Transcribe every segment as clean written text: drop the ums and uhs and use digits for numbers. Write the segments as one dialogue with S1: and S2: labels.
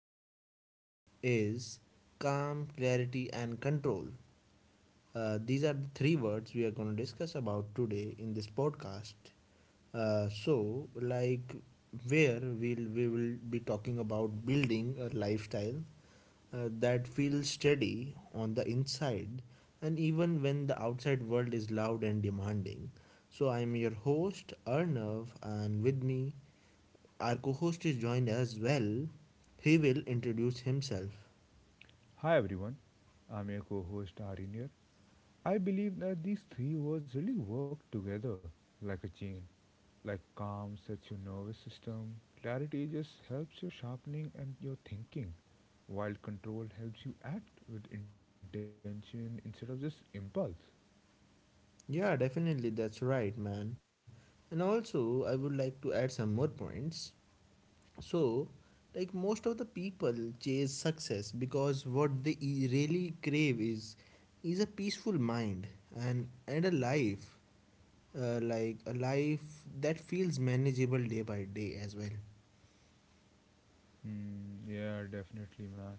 S1: podcast is Calm, Clarity, and Control. These are the three words we are going to discuss about today in this podcast. Uh, so, like, we will be talking about building a lifestyle that feels steady on the inside and even when the outside world is loud and demanding, so I am your host, Arnav, and with me, our co-host is joined as well. He will introduce himself.
S2: Hi everyone, I'm your co host Arin here. I believe that these three words really work together like a chain. Like calm sets your nervous system, clarity just helps your sharpening and your thinking, while control helps you act with intention instead of just impulse.
S1: Yeah, definitely, that's right, man. And also, I would like to add some more points. So, like, most of the people chase success because what they really crave is a peaceful mind and a life, like a life that feels manageable day by day as well.
S2: Hmm, yeah, definitely, man.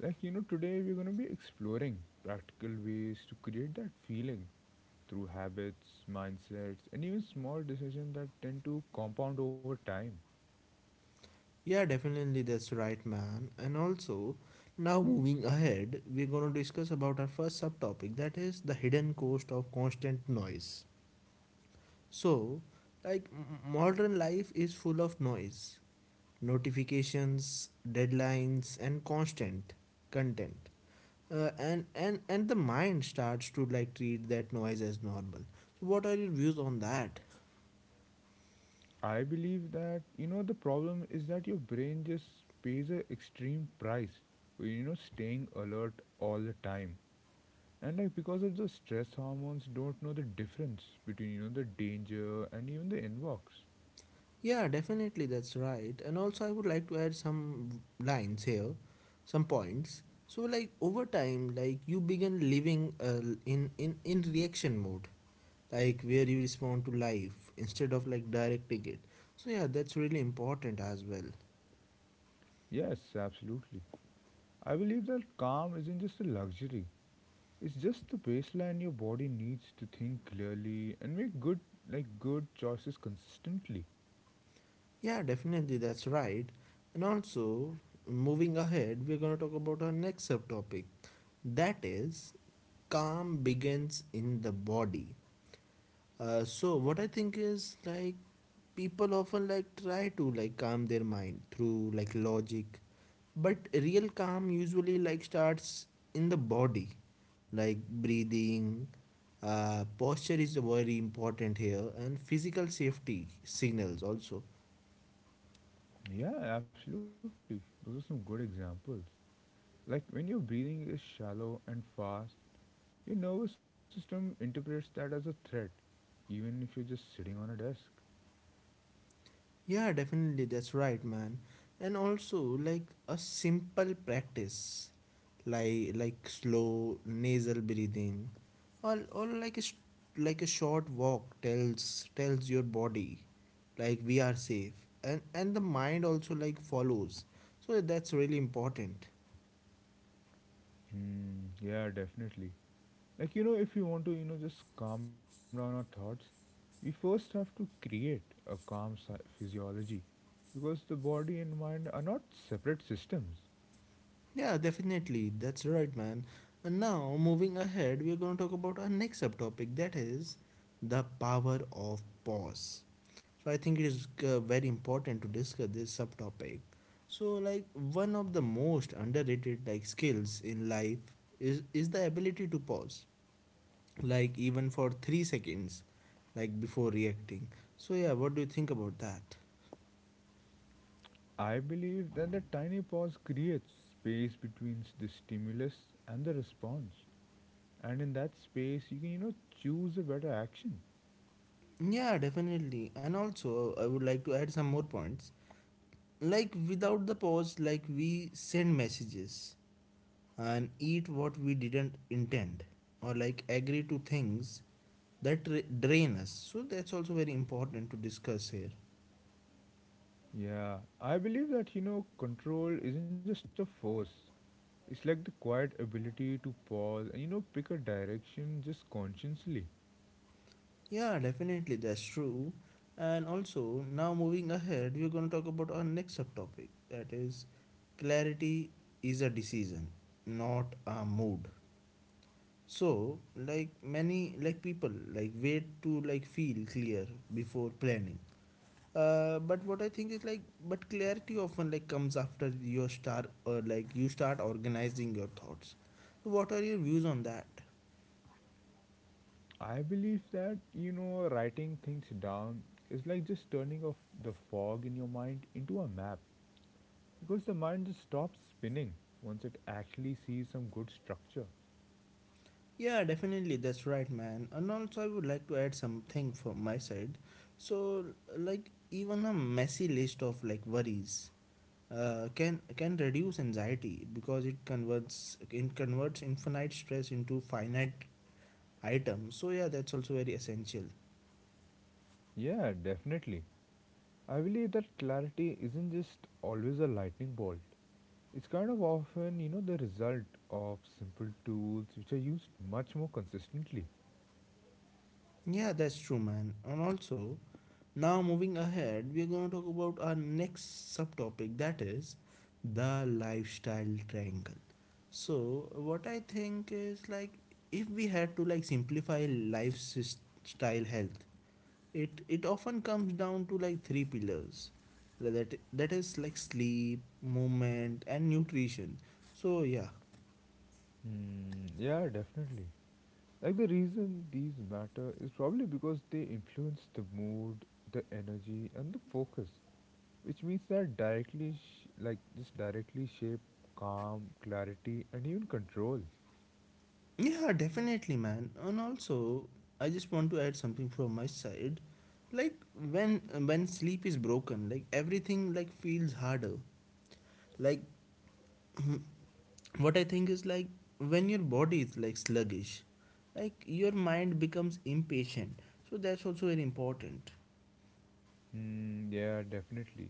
S2: Like, you know, today we're gonna be exploring practical ways to create that feeling through habits, mindsets, and even small decisions that tend to compound over time.
S1: Yeah, definitely, that's right, man. And also, now moving ahead, we're going to discuss about our first subtopic, that is the hidden cost of constant noise. So, like, modern life is full of noise, notifications, deadlines, and constant content. And the mind starts to like treat that noise as normal. So what are your views on that?
S2: I believe that you know the problem is that your brain just pays a extreme price for You know, staying alert all the time, and like because of the stress hormones, don't know the difference between you know the danger and even the inbox.
S1: Yeah, definitely, that's right. And also, I would like to add some lines here, some points. So, like, over time, like, you begin living, in reaction mode, like where you respond to life instead of like directing it. So, yeah, that's really important as well.
S2: Yes, absolutely. I believe that calm isn't just a luxury. It's just the baseline your body needs to think clearly and make good choices consistently.
S1: Yeah, definitely, that's right. And also, moving ahead, we're gonna talk about our next subtopic, that is, calm begins in the body. So what I think is like, people often like try to like calm their mind through like logic, but real calm usually like starts in the body, like breathing. Posture is very important here, and physical safety signals also.
S2: Yeah, absolutely. Those are some good examples. Like when your breathing is shallow and fast, your nervous system interprets that as a threat, even if you're just sitting on a desk.
S1: Yeah, definitely, that's right, man. And also, like a simple practice, like slow nasal breathing, or like a like a short walk tells your body, like, we are safe, and the mind also like follows. So that's really important.
S2: Hmm, yeah, definitely. Like, you know, if you want to, you know, just calm down our thoughts, we first have to create a calm physiology because the body and mind are not separate systems.
S1: Yeah, definitely. That's right, man. And now, moving ahead, we are going to talk about our next subtopic, that is the power of pause. So, I think it is very important to discuss this subtopic. So, like, one of the most underrated like skills in life is the ability to pause, like even for 3 seconds, like before reacting. So, yeah, what do you think about that?
S2: I believe that the tiny pause creates space between the stimulus and the response. And in that space, you can, you know, choose a better action.
S1: Yeah, definitely. And also, I would like to add some more points. Like, without the pause, like, we send messages and eat what we didn't intend or like agree to things that drain us, so that's also very important to discuss here.
S2: Yeah, I believe that you know control isn't just a force. It's like the quiet ability to pause and you know pick a direction just consciously.
S1: Yeah, definitely, that's true. And also, now moving ahead, we're going to talk about our next subtopic, that is clarity is a decision, not a mood. So, like, many like people like wait to like feel clear before planning. But what I think is like, but clarity often like comes after your start, or like you start organizing your thoughts. So what are your views on that?
S2: I believe that you know writing things down is like just turning off the fog in your mind into a map because the mind just stops spinning once it actually sees some good structure.
S1: Yeah, definitely, that's right, man. And also, I would like to add something from my side. So, like, even a messy list of like worries, can reduce anxiety because it converts infinite stress into finite items. So yeah, that's also very essential.
S2: Yeah, definitely. I believe that clarity isn't just always a lightning bolt. It's kind of often, you know, the result of simple tools which are used much more consistently.
S1: Yeah, that's true, man. And also, now, moving ahead, we are going to talk about our next subtopic, that is the lifestyle triangle. So, what I think is like, if we had to like simplify lifestyle health, it often comes down to like three pillars, that is like sleep, movement, and nutrition. So, yeah.
S2: Hmm, yeah, definitely. Like the reason these matter is probably because they influence the mood, the energy, and the focus, which means that directly, just directly shape calm, clarity, and even control.
S1: Yeah, definitely, man. And also, I just want to add something from my side. Like, when when sleep is broken, like, everything like feels harder. Like, what I think is like, when your body is like sluggish, like your mind becomes impatient. So that's also very important.
S2: Hmm, yeah, definitely.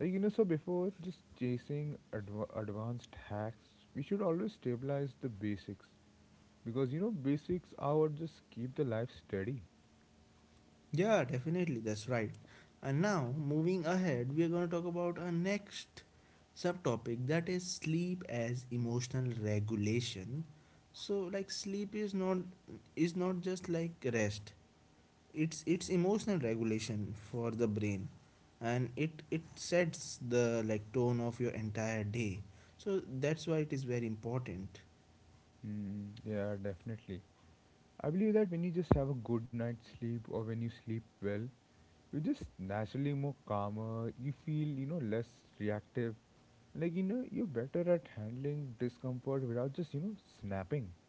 S2: Like you know, so before just chasing advanced hacks, we should always stabilize the basics because you know basics are what just keep the life steady.
S1: Yeah, definitely, that's right. And now, moving ahead, we are going to talk about our next subtopic, that is sleep as emotional regulation. So, like, sleep is not, is not just like rest. It's emotional regulation for the brain, and it sets the like tone of your entire day. So that's why it is very important.
S2: Mm, yeah, definitely. I believe that when you just have a good night's sleep or when you sleep well, you're just naturally more calmer, you feel, you know, less reactive. Like, you know, you're better at handling discomfort without just, you know, snapping.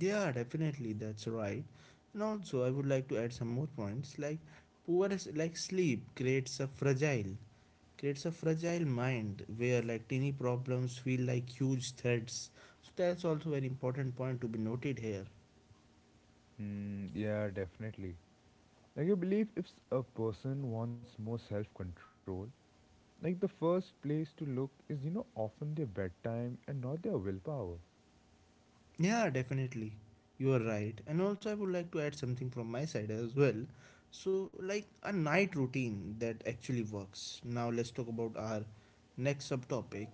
S1: Yeah, definitely, that's right. And also, I would like to add some more points. Like, poor, like sleep creates a fragile mind where like teeny problems feel like huge threats. So that's also an important point to be noted here.
S2: Mm, yeah, definitely. Like, I believe if a person wants more self control, like, the first place to look is, you know, often their bedtime and not their willpower.
S1: Yeah, definitely. You are right. And also, I would like to add something from my side as well. So, like a night routine that actually works. Now, let's talk about our next subtopic.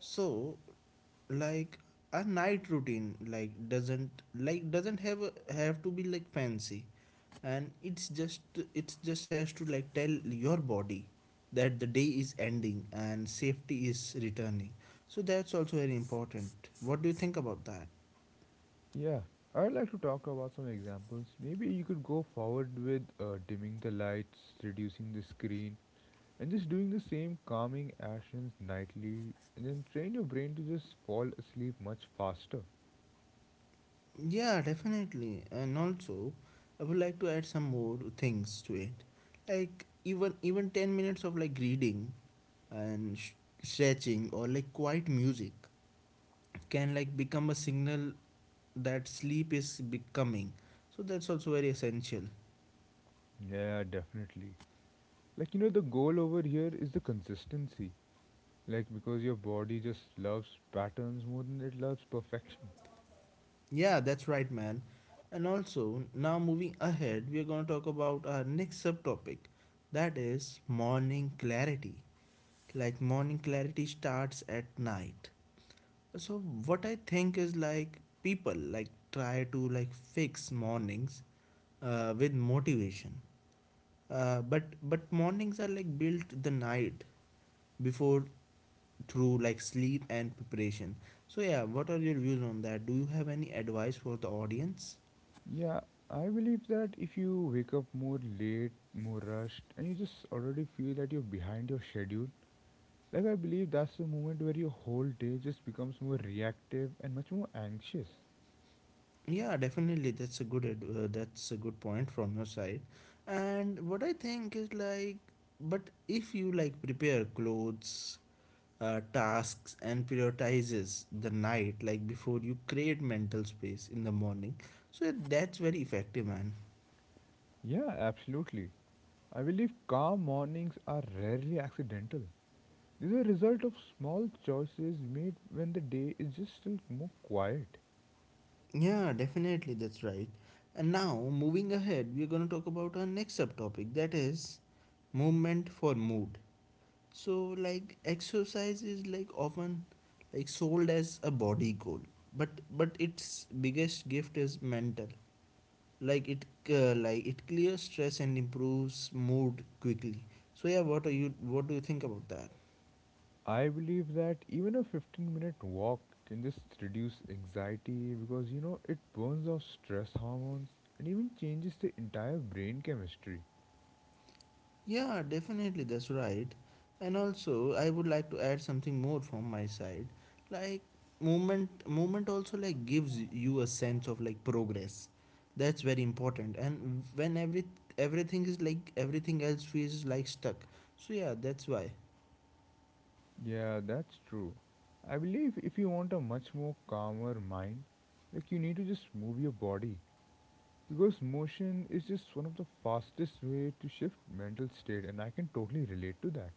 S1: So, like a night routine like doesn't have a, have to be like fancy, and it's just, it's just has to like tell your body that the day is ending and safety is returning. So that's also very important. What do you think about that?
S2: Yeah, I'd like to talk about some examples. Maybe you could go forward with dimming the lights, reducing the screen, and just doing the same calming actions nightly, and then train your brain to just fall asleep much faster.
S1: Yeah, definitely. And also, I would like to add some more things to it. Like, even 10 minutes of like reading and stretching or like quiet music can like become a signal that sleep is becoming. So that's also very essential.
S2: Yeah, definitely. Like, you know, the goal over here is the consistency. Like, because your body just loves patterns more than it loves perfection.
S1: Yeah, that's right, man. And also, now moving ahead, we are going to talk about our next subtopic, that is morning clarity. Like morning clarity starts at night. So what I think is like, people like try to like fix mornings with motivation, but mornings are like built the night before through like sleep and preparation. So yeah, what are your views on that? Do you have any advice for the audience?
S2: Yeah, I believe that if you wake up more late, more rushed, and you just already feel that you're behind your schedule, like, I believe that's the moment where your whole day just becomes more reactive and much more anxious.
S1: Yeah, definitely, that's a good that's a good point from your side. And what I think is like, but if you like prepare clothes, tasks, and prioritizes the night like before, you create mental space in the morning. So that's very effective, man.
S2: Yeah, absolutely. I believe calm mornings are rarely accidental. They're the result of small choices made when the day is just still more quiet.
S1: Yeah, definitely, that's right. And now, moving ahead, we're going to talk about our next subtopic, that is movement for mood. So, like, exercise is like often like sold as a body goal, but its biggest gift is mental. Like, it like it clears stress and improves mood quickly. So yeah, what do you think about that?
S2: I believe that even a 15-minute walk can just reduce anxiety because you know it burns off stress hormones and even changes the entire brain chemistry.
S1: Yeah, definitely, that's right. And also, I would like to add something more from my side. Like, movement also like gives you a sense of like progress. That's very important. And when everything is like everything else feels like stuck. So yeah, that's why.
S2: Yeah, that's true. I believe if you want a much more calmer mind, like you need to just move your body because motion is just one of the fastest way to shift mental state, and I can totally relate to that.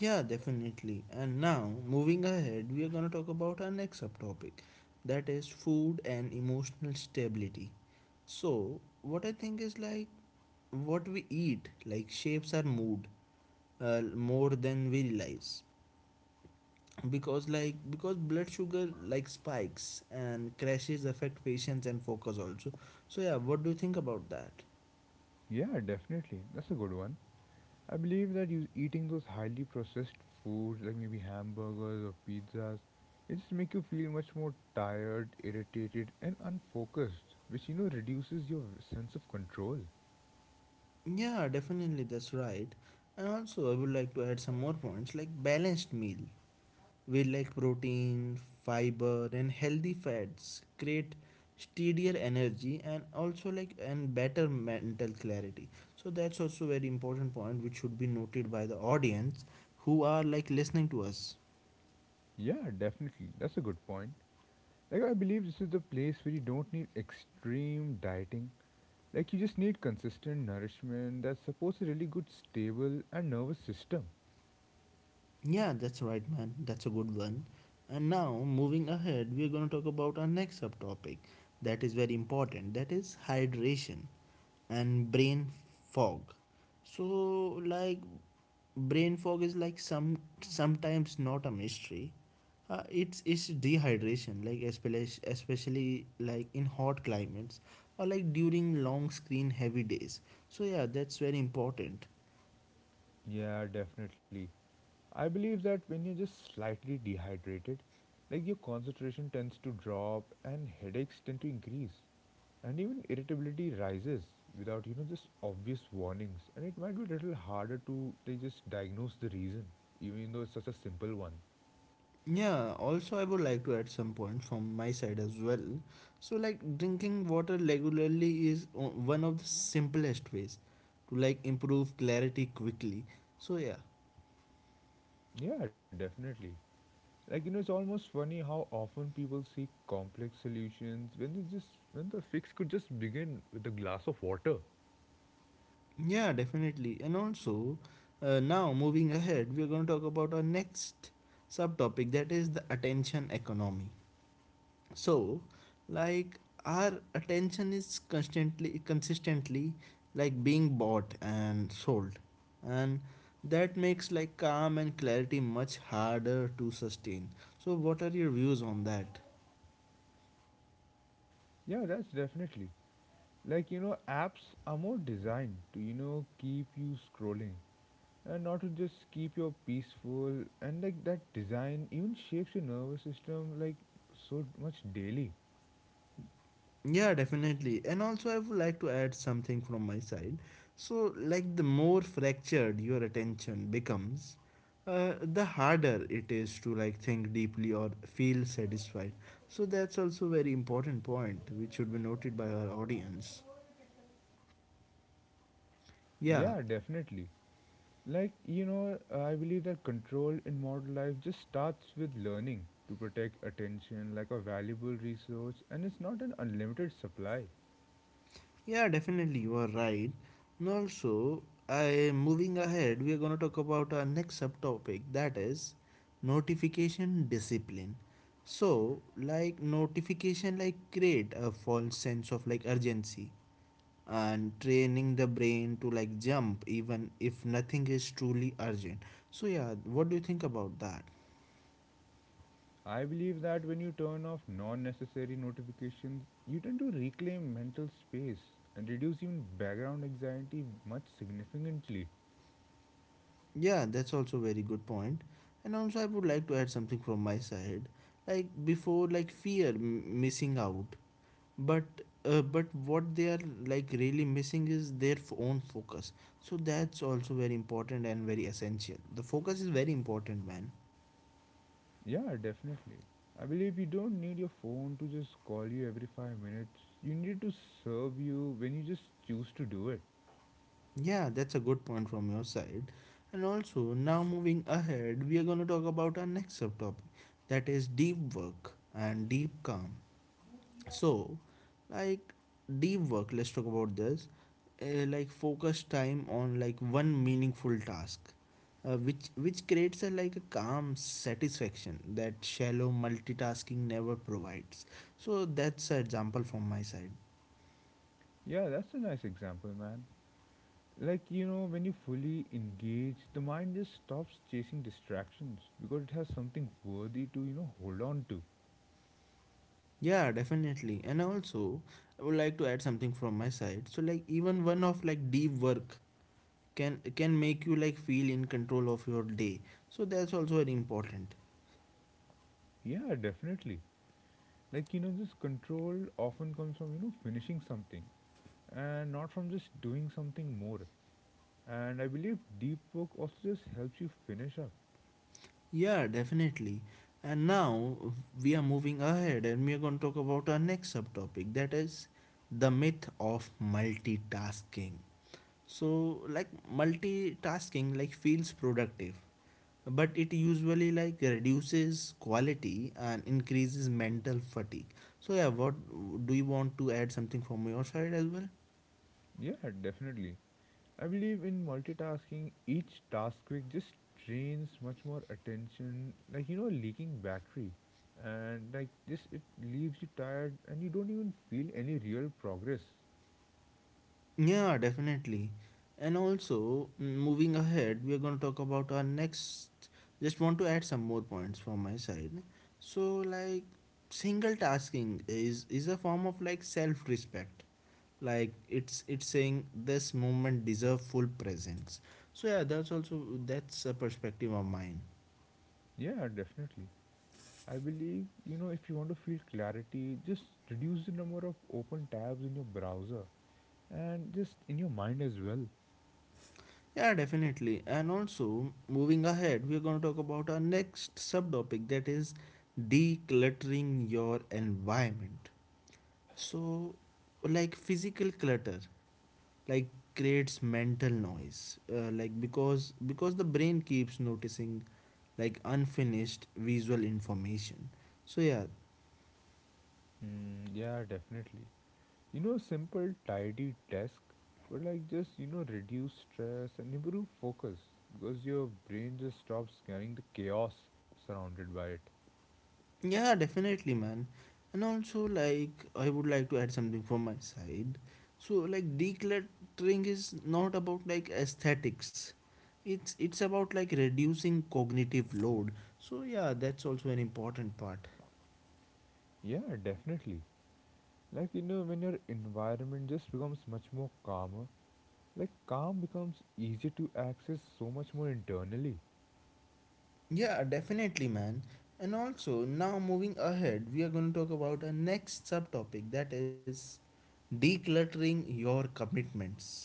S1: Yeah, definitely. And now, moving ahead, we are going to talk about our next subtopic, that is food and emotional stability. So, what I think is like, what we eat like shapes our mood, more than we realize, because because blood sugar like spikes and crashes affect patience and focus also. So yeah, what do you think about that?
S2: Yeah, definitely. That's a good one. I believe that you eating those highly processed foods like maybe hamburgers or pizzas, it just make you feel much more tired, irritated and unfocused, which you know reduces your sense of control.
S1: Yeah, definitely, that's right. And also, I would like to add some more points. Like, balanced meal, we like protein, fiber, and healthy fats create steadier energy, and also like and better mental clarity. So that's also very important point which should be noted by the audience who are like listening to us.
S2: Yeah, definitely. That's a good point. Like I believe this is the place where you don't need extreme dieting. Like you just need consistent nourishment that supports a really good stable and nervous system.
S1: Yeah, that's right, man. That's a good one. And now, moving ahead, we are going to talk about our next subtopic that is very important. That is hydration and brain fog. So like, brain fog is like sometimes not a mystery. It's dehydration, like, especially like in hot climates, or like during long screen heavy days. So yeah, that's very important.
S2: Yeah, definitely. I believe that when you're just slightly dehydrated, like your concentration tends to drop and headaches tend to increase and even irritability rises without you know just obvious warnings, and it might be a little harder to they just diagnose the reason even though it's such a simple one.
S1: Yeah, also I would like to add some point from my side as well. So like, drinking water regularly is one of the simplest ways to like improve clarity quickly. So yeah.
S2: Yeah, definitely. Like you know, it's almost funny how often people seek complex solutions when they just when the fix could just begin with a glass of water.
S1: Yeah, definitely. And also, now moving ahead, we are going to talk about our next subtopic, that is the attention economy. So, like, our attention is constantly consistently like being bought and sold. And that makes like calm and clarity much harder to sustain. So, what are your views on that?
S2: Yeah, that's definitely. Like you know, apps are more designed to you know keep you scrolling and not to just keep you peaceful. And like that design even shapes your nervous system like so much daily.
S1: Yeah, definitely. And also, I would like to add something from my side. So, like, the more fractured your attention becomes, the harder it is to like think deeply or feel satisfied. So that's also very important point which should be noted by our audience. Yeah.
S2: Yeah, definitely. Like, you know, I believe that control in modern life just starts with learning to protect attention like a valuable resource, and it's not an unlimited supply.
S1: Yeah, definitely, you are right. And also, I moving ahead, we are gonna talk about our next subtopic, that is notification discipline. So, like, notification, like, create a false sense of like urgency and training the brain to like jump even if nothing is truly urgent. So yeah, what do you think about that?
S2: I believe that when you turn off non necessary notifications, you tend to reclaim mental space and reduce even background anxiety much significantly.
S1: Yeah, that's also very good point. And also, I would like to add something from my side, like before, like fear missing out but but what they are like really missing is their own focus. So that's also very important and very essential. The focus is very important, man.
S2: Yeah, definitely. I believe you don't need your phone to just call you every 5 minutes. You need it to serve you when you just choose to do it.
S1: Yeah, that's a good point from your side. And also, now moving ahead, we are going to talk about our next subtopic, that is deep work and deep calm. So, like deep work, let's talk about this. Like focus time on like one meaningful task, which creates a like a calm satisfaction that shallow multitasking never provides. So that's an example from my side.
S2: Yeah, that's a nice example, man. Like you know when you fully engage the mind just stops chasing distractions because it has something worthy to you know hold on to.
S1: Yeah, definitely. And also, I would like to add something from my side. So like even one of like deep work can make you like feel in control of your day. So that's also very important.
S2: Yeah, definitely. Like you know this control often comes from you know finishing something and not from just doing something more, and I believe deep work also just helps you finish up.
S1: Yeah, definitely. And now we are moving ahead and we are going to talk about our next subtopic, that is the myth of multitasking. So, like multitasking like feels productive, but it usually like reduces quality and increases mental fatigue. So, yeah, what do you want to add something from your side as well?
S2: Yeah, definitely. I believe in multitasking. Each task quick just drains much more attention, like you know, a leaking battery, and like just it leaves you tired, and you don't even feel any real progress.
S1: Yeah, definitely. And also, moving ahead, we are going to talk about our next. Just want to add some more points from my side. So, like, single tasking is a form of like self respect. Like it's saying this moment deserve full presence. So yeah, that's a perspective of mine.
S2: Yeah, definitely. I believe you know if you want to feel clarity, just reduce the number of open tabs in your browser and just in your mind as well.
S1: Yeah, definitely. And also, moving ahead, we're going to talk about our next subtopic, that is decluttering your environment. So, like physical clutter, like creates mental noise, like because the brain keeps noticing, like unfinished visual information. So yeah,
S2: Mm, yeah, definitely. You know, a simple, tidy desk could like just, you know, reduce stress and improve focus because your brain just stops scanning the chaos surrounded by it.
S1: yeah, definitely, man. And also, like I would like to add something from my side. So like decluttering is not about like aesthetics. It's about like reducing cognitive load. So yeah, that's also an important part.
S2: Yeah, definitely. Like, you know, when your environment just becomes much more calmer, like, calm becomes easier to access so much more internally.
S1: Yeah, definitely, man. And also, now moving ahead, we are going to talk about our next subtopic, that is decluttering your commitments.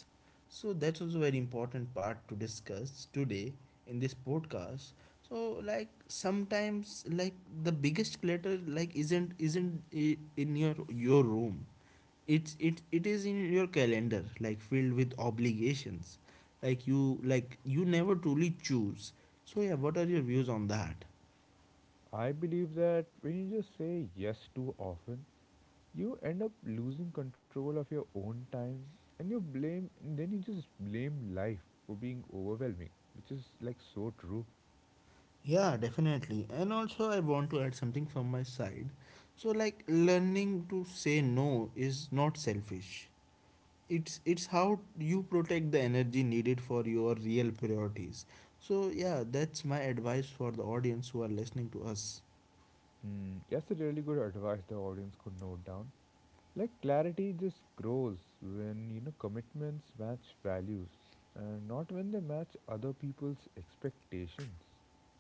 S1: So, that's also very important part to discuss today in this podcast. So, like sometimes, like the biggest clutter, like isn't in your room. It's it it is in your calendar, like filled with obligations, like you never truly choose. So yeah, what are your views on that?
S2: I believe that when you just say yes too often, you end up losing control of your own time and you just blame life for being overwhelming, which is like so true.
S1: Yeah, definitely, and also I want to add something from my side. So like learning to say no is not selfish. It's how you protect the energy needed for your real priorities. So yeah, that's my advice for the audience who are listening to us.
S2: Hmm, that's a really good advice the audience could note down. Like clarity just grows when you know commitments match values and not when they match other people's expectations.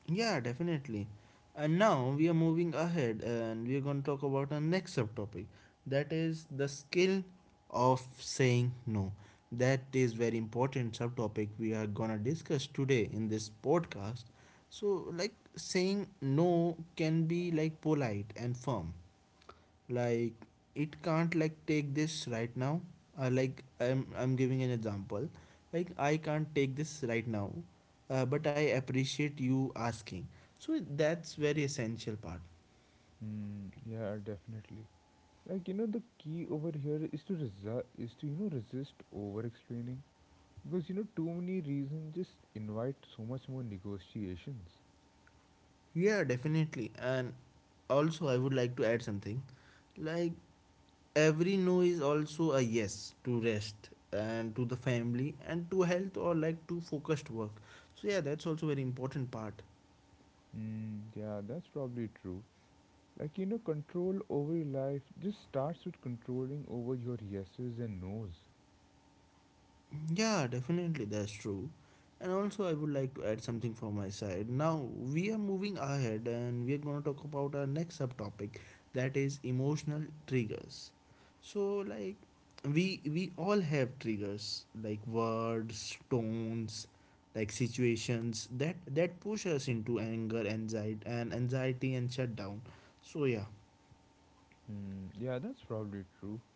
S1: Yeah, definitely. And now we are moving ahead and we are going to talk about our next subtopic, that is the skill of saying no. That is very important subtopic we are going to discuss today in this podcast. So like saying no can be like polite and firm. Like it can't like take this right now. Like I'm giving an example, like I can't take this right now, but I appreciate you asking. So that's very essential part.
S2: Hmm, yeah, definitely. Like you know the key over here is to you know resist over explaining. Because you know, too many reasons just invite so much more negotiations.
S1: Yeah, definitely, and also I would like to add something. Like every no is also a yes to rest and to the family and to health, or like to focused work. So yeah, that's also very important part.
S2: Mm, yeah, that's probably true. Like, you know, control over your life just starts with controlling over your yeses and nos.
S1: Yeah, definitely, that's true. And also, I would like to add something from my side. Now, we are moving ahead and we are going to talk about our next subtopic, that is emotional triggers. So, like, we all have triggers like words, tones, like situations that push us into anger, anxiety, and shutdown. So, yeah.
S2: Mm, yeah, that's probably true.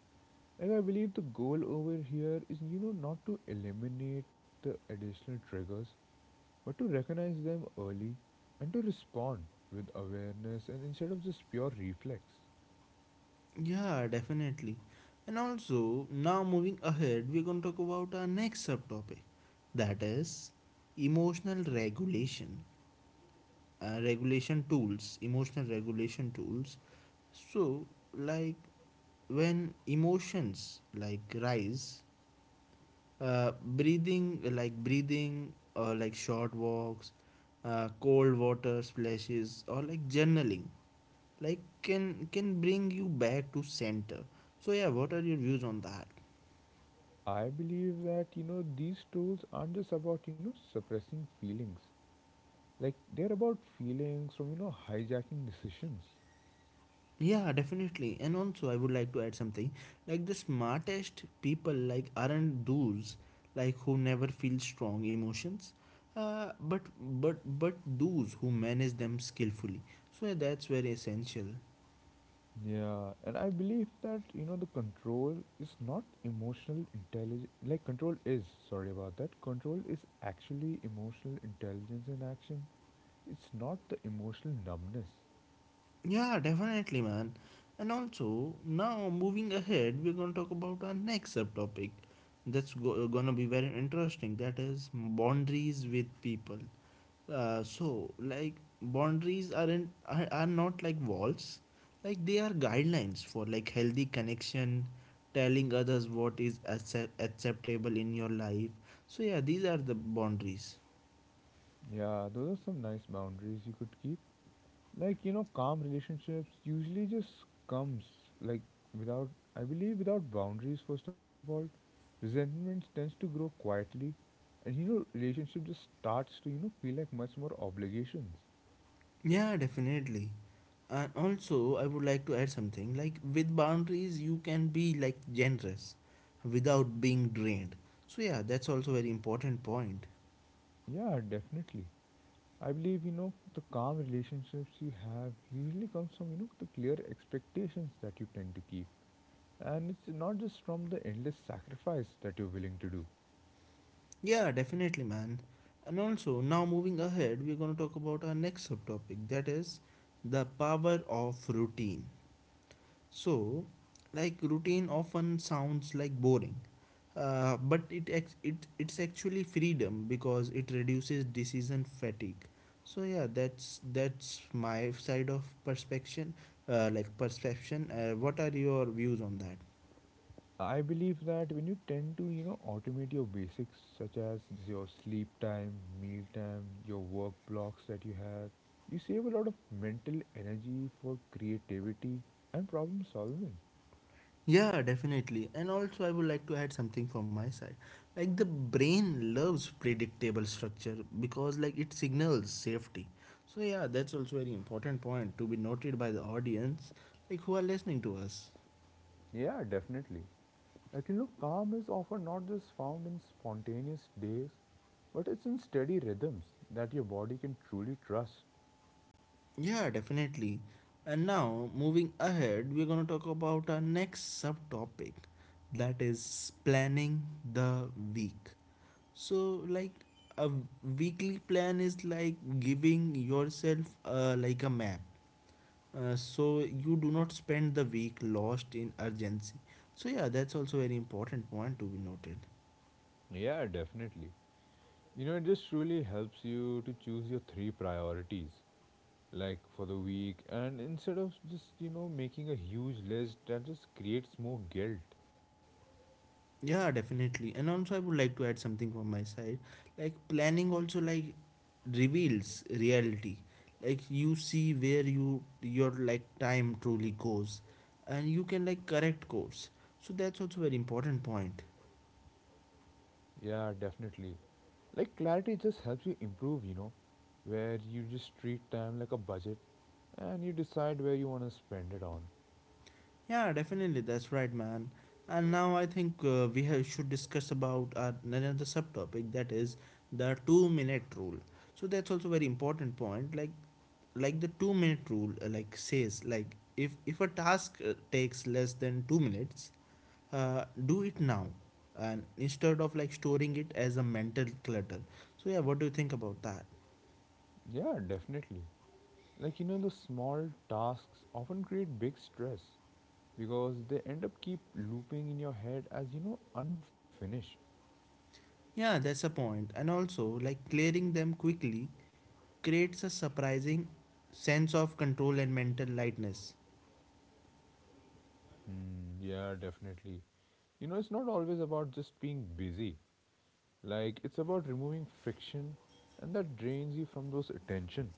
S2: Like, I believe the goal over here is, you know, not to eliminate the additional triggers, but to recognize them early and to respond with awareness and instead of just pure reflex.
S1: Yeah, definitely. And also, now moving ahead, we're going to talk about our next subtopic that is emotional regulation, emotional regulation tools. So, like when emotions like rise, like breathing, or like short walks, cold water splashes, or like journaling like can bring you back to center. So yeah, what are your views on that?
S2: I believe that you know these tools aren't just about you know suppressing feelings. Like they're about feelings from you know hijacking decisions.
S1: Yeah, definitely, and also I would like to add something. Like the smartest people like aren't those like who never feel strong emotions, but those who manage them skillfully. So yeah, that's very essential.
S2: Yeah, and I believe that you know the control is not emotional intelligence. Like control is sorry about that. Control is actually emotional intelligence in action. It's not the emotional numbness.
S1: Yeah, definitely, man. And also, now moving ahead, we're gonna talk about our next subtopic gonna be very interesting. That is boundaries with people. So, like, boundaries are not like walls, like, they are guidelines for like healthy connection, telling others what is acceptable in your life. So, yeah, these are the boundaries.
S2: Yeah, those are some nice boundaries you could keep. Like you know calm relationships usually just comes, like, without, I believe without boundaries first of all resentment tends to grow quietly, and you know relationship just starts to you know feel like much more obligations.
S1: Yeah, definitely. And also, I would like to add something, like with boundaries, you can be like generous without being drained. So, yeah, that's also very important point.
S2: Yeah, definitely. I believe you know the calm relationships you have usually comes from you know the clear expectations that you tend to keep, and it's not just from the endless sacrifice that you're willing to do.
S1: Yeah, definitely, man. And also, now moving ahead, we're going to talk about our next subtopic, that is the power of routine. So, like routine often sounds like boring, but it's actually freedom because it reduces decision fatigue. So yeah, that's my side of perspective, like perception. What are your views on that?
S2: I believe that when you tend to, you know, automate your basics such as your sleep time, meal time, your work blocks that you have, you save a lot of mental energy for creativity and problem solving.
S1: Yeah, definitely. And also, I would like to add something from my side. Like, the brain loves predictable structure because, like, it signals safety. So, yeah, that's also very important point to be noted by the audience, like, who are listening to us.
S2: Yeah, definitely. Like you know, calm is often not just found in spontaneous days, but it's in steady rhythms that your body can truly trust.
S1: Yeah, definitely. And now, moving ahead, we're going to talk about our next subtopic, that is planning the week. So, like, a weekly plan is like giving yourself like a map, so you do not spend the week lost in urgency. So yeah, that's also very important point to be noted.
S2: Yeah, definitely. You know, it just truly helps you to choose your three priorities like for the week, and instead of just you know making a huge list that just creates more guilt.
S1: Yeah, definitely, and also I would like to add something from my side. Like planning also like reveals reality. Like you see where your like time truly goes, and you can like correct course. So that's also very important point.
S2: Yeah, definitely. Like clarity just helps you improve you know where you just treat time like a budget, and you decide where you want to spend it on.
S1: Yeah, definitely. That's right, man. And now I think should discuss about another subtopic, that is the two-minute rule. So that's also very important point. Like the two-minute rule, like says, like if a task takes less than 2 minutes, do it now, and instead of like storing it as a mental clutter. So yeah, what do you think about that?
S2: Yeah, definitely. Like you know the small tasks often create big stress because they end up keep looping in your head as you know unfinished.
S1: Yeah, that's a point. And also, like clearing them quickly creates a surprising sense of control and mental lightness.
S2: Hmm, yeah, definitely. You know, it's not always about just being busy. Like it's about removing friction and that drains you from those attention.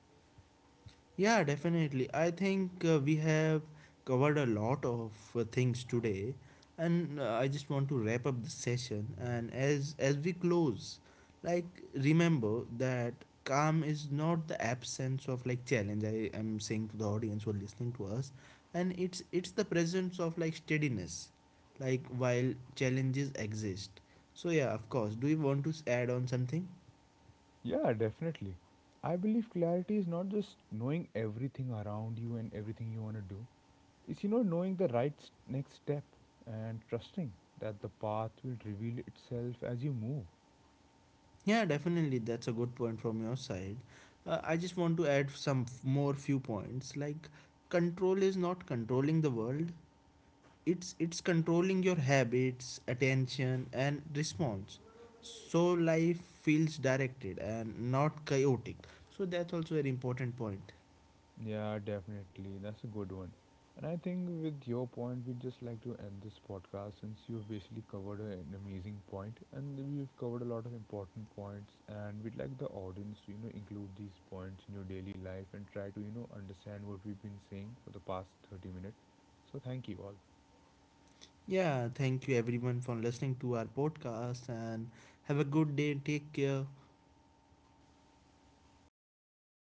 S1: Yeah, definitely. I think we have covered a lot of things today, and I just want to wrap up the session. And as we close, like remember that calm is not the absence of like challenge. I am saying to the audience who are listening to us, and it's the presence of like steadiness, like while challenges exist. So yeah, of course. Do you want to add on something?
S2: Yeah, definitely. I believe clarity is not just knowing everything around you and everything you want to do. It's you know knowing the right next step and trusting that the path will reveal itself as you move.
S1: Yeah, definitely. That's a good point from your side. I just want to add some more few points. Like, control is not controlling the world. It's controlling your habits, attention, and response. So life feels directed and not chaotic. So that's also an important point.
S2: Yeah, definitely. That's a good one. And I think with your point, we'd just like to end this podcast since you've basically covered an amazing point, and we've covered a lot of important points, and we'd like the audience to, you know, include these points in your daily life and try to, you know, understand what we've been saying for the past 30 minutes. So thank you all.
S1: Yeah, thank you everyone for listening to our podcast and have a good day. Take care.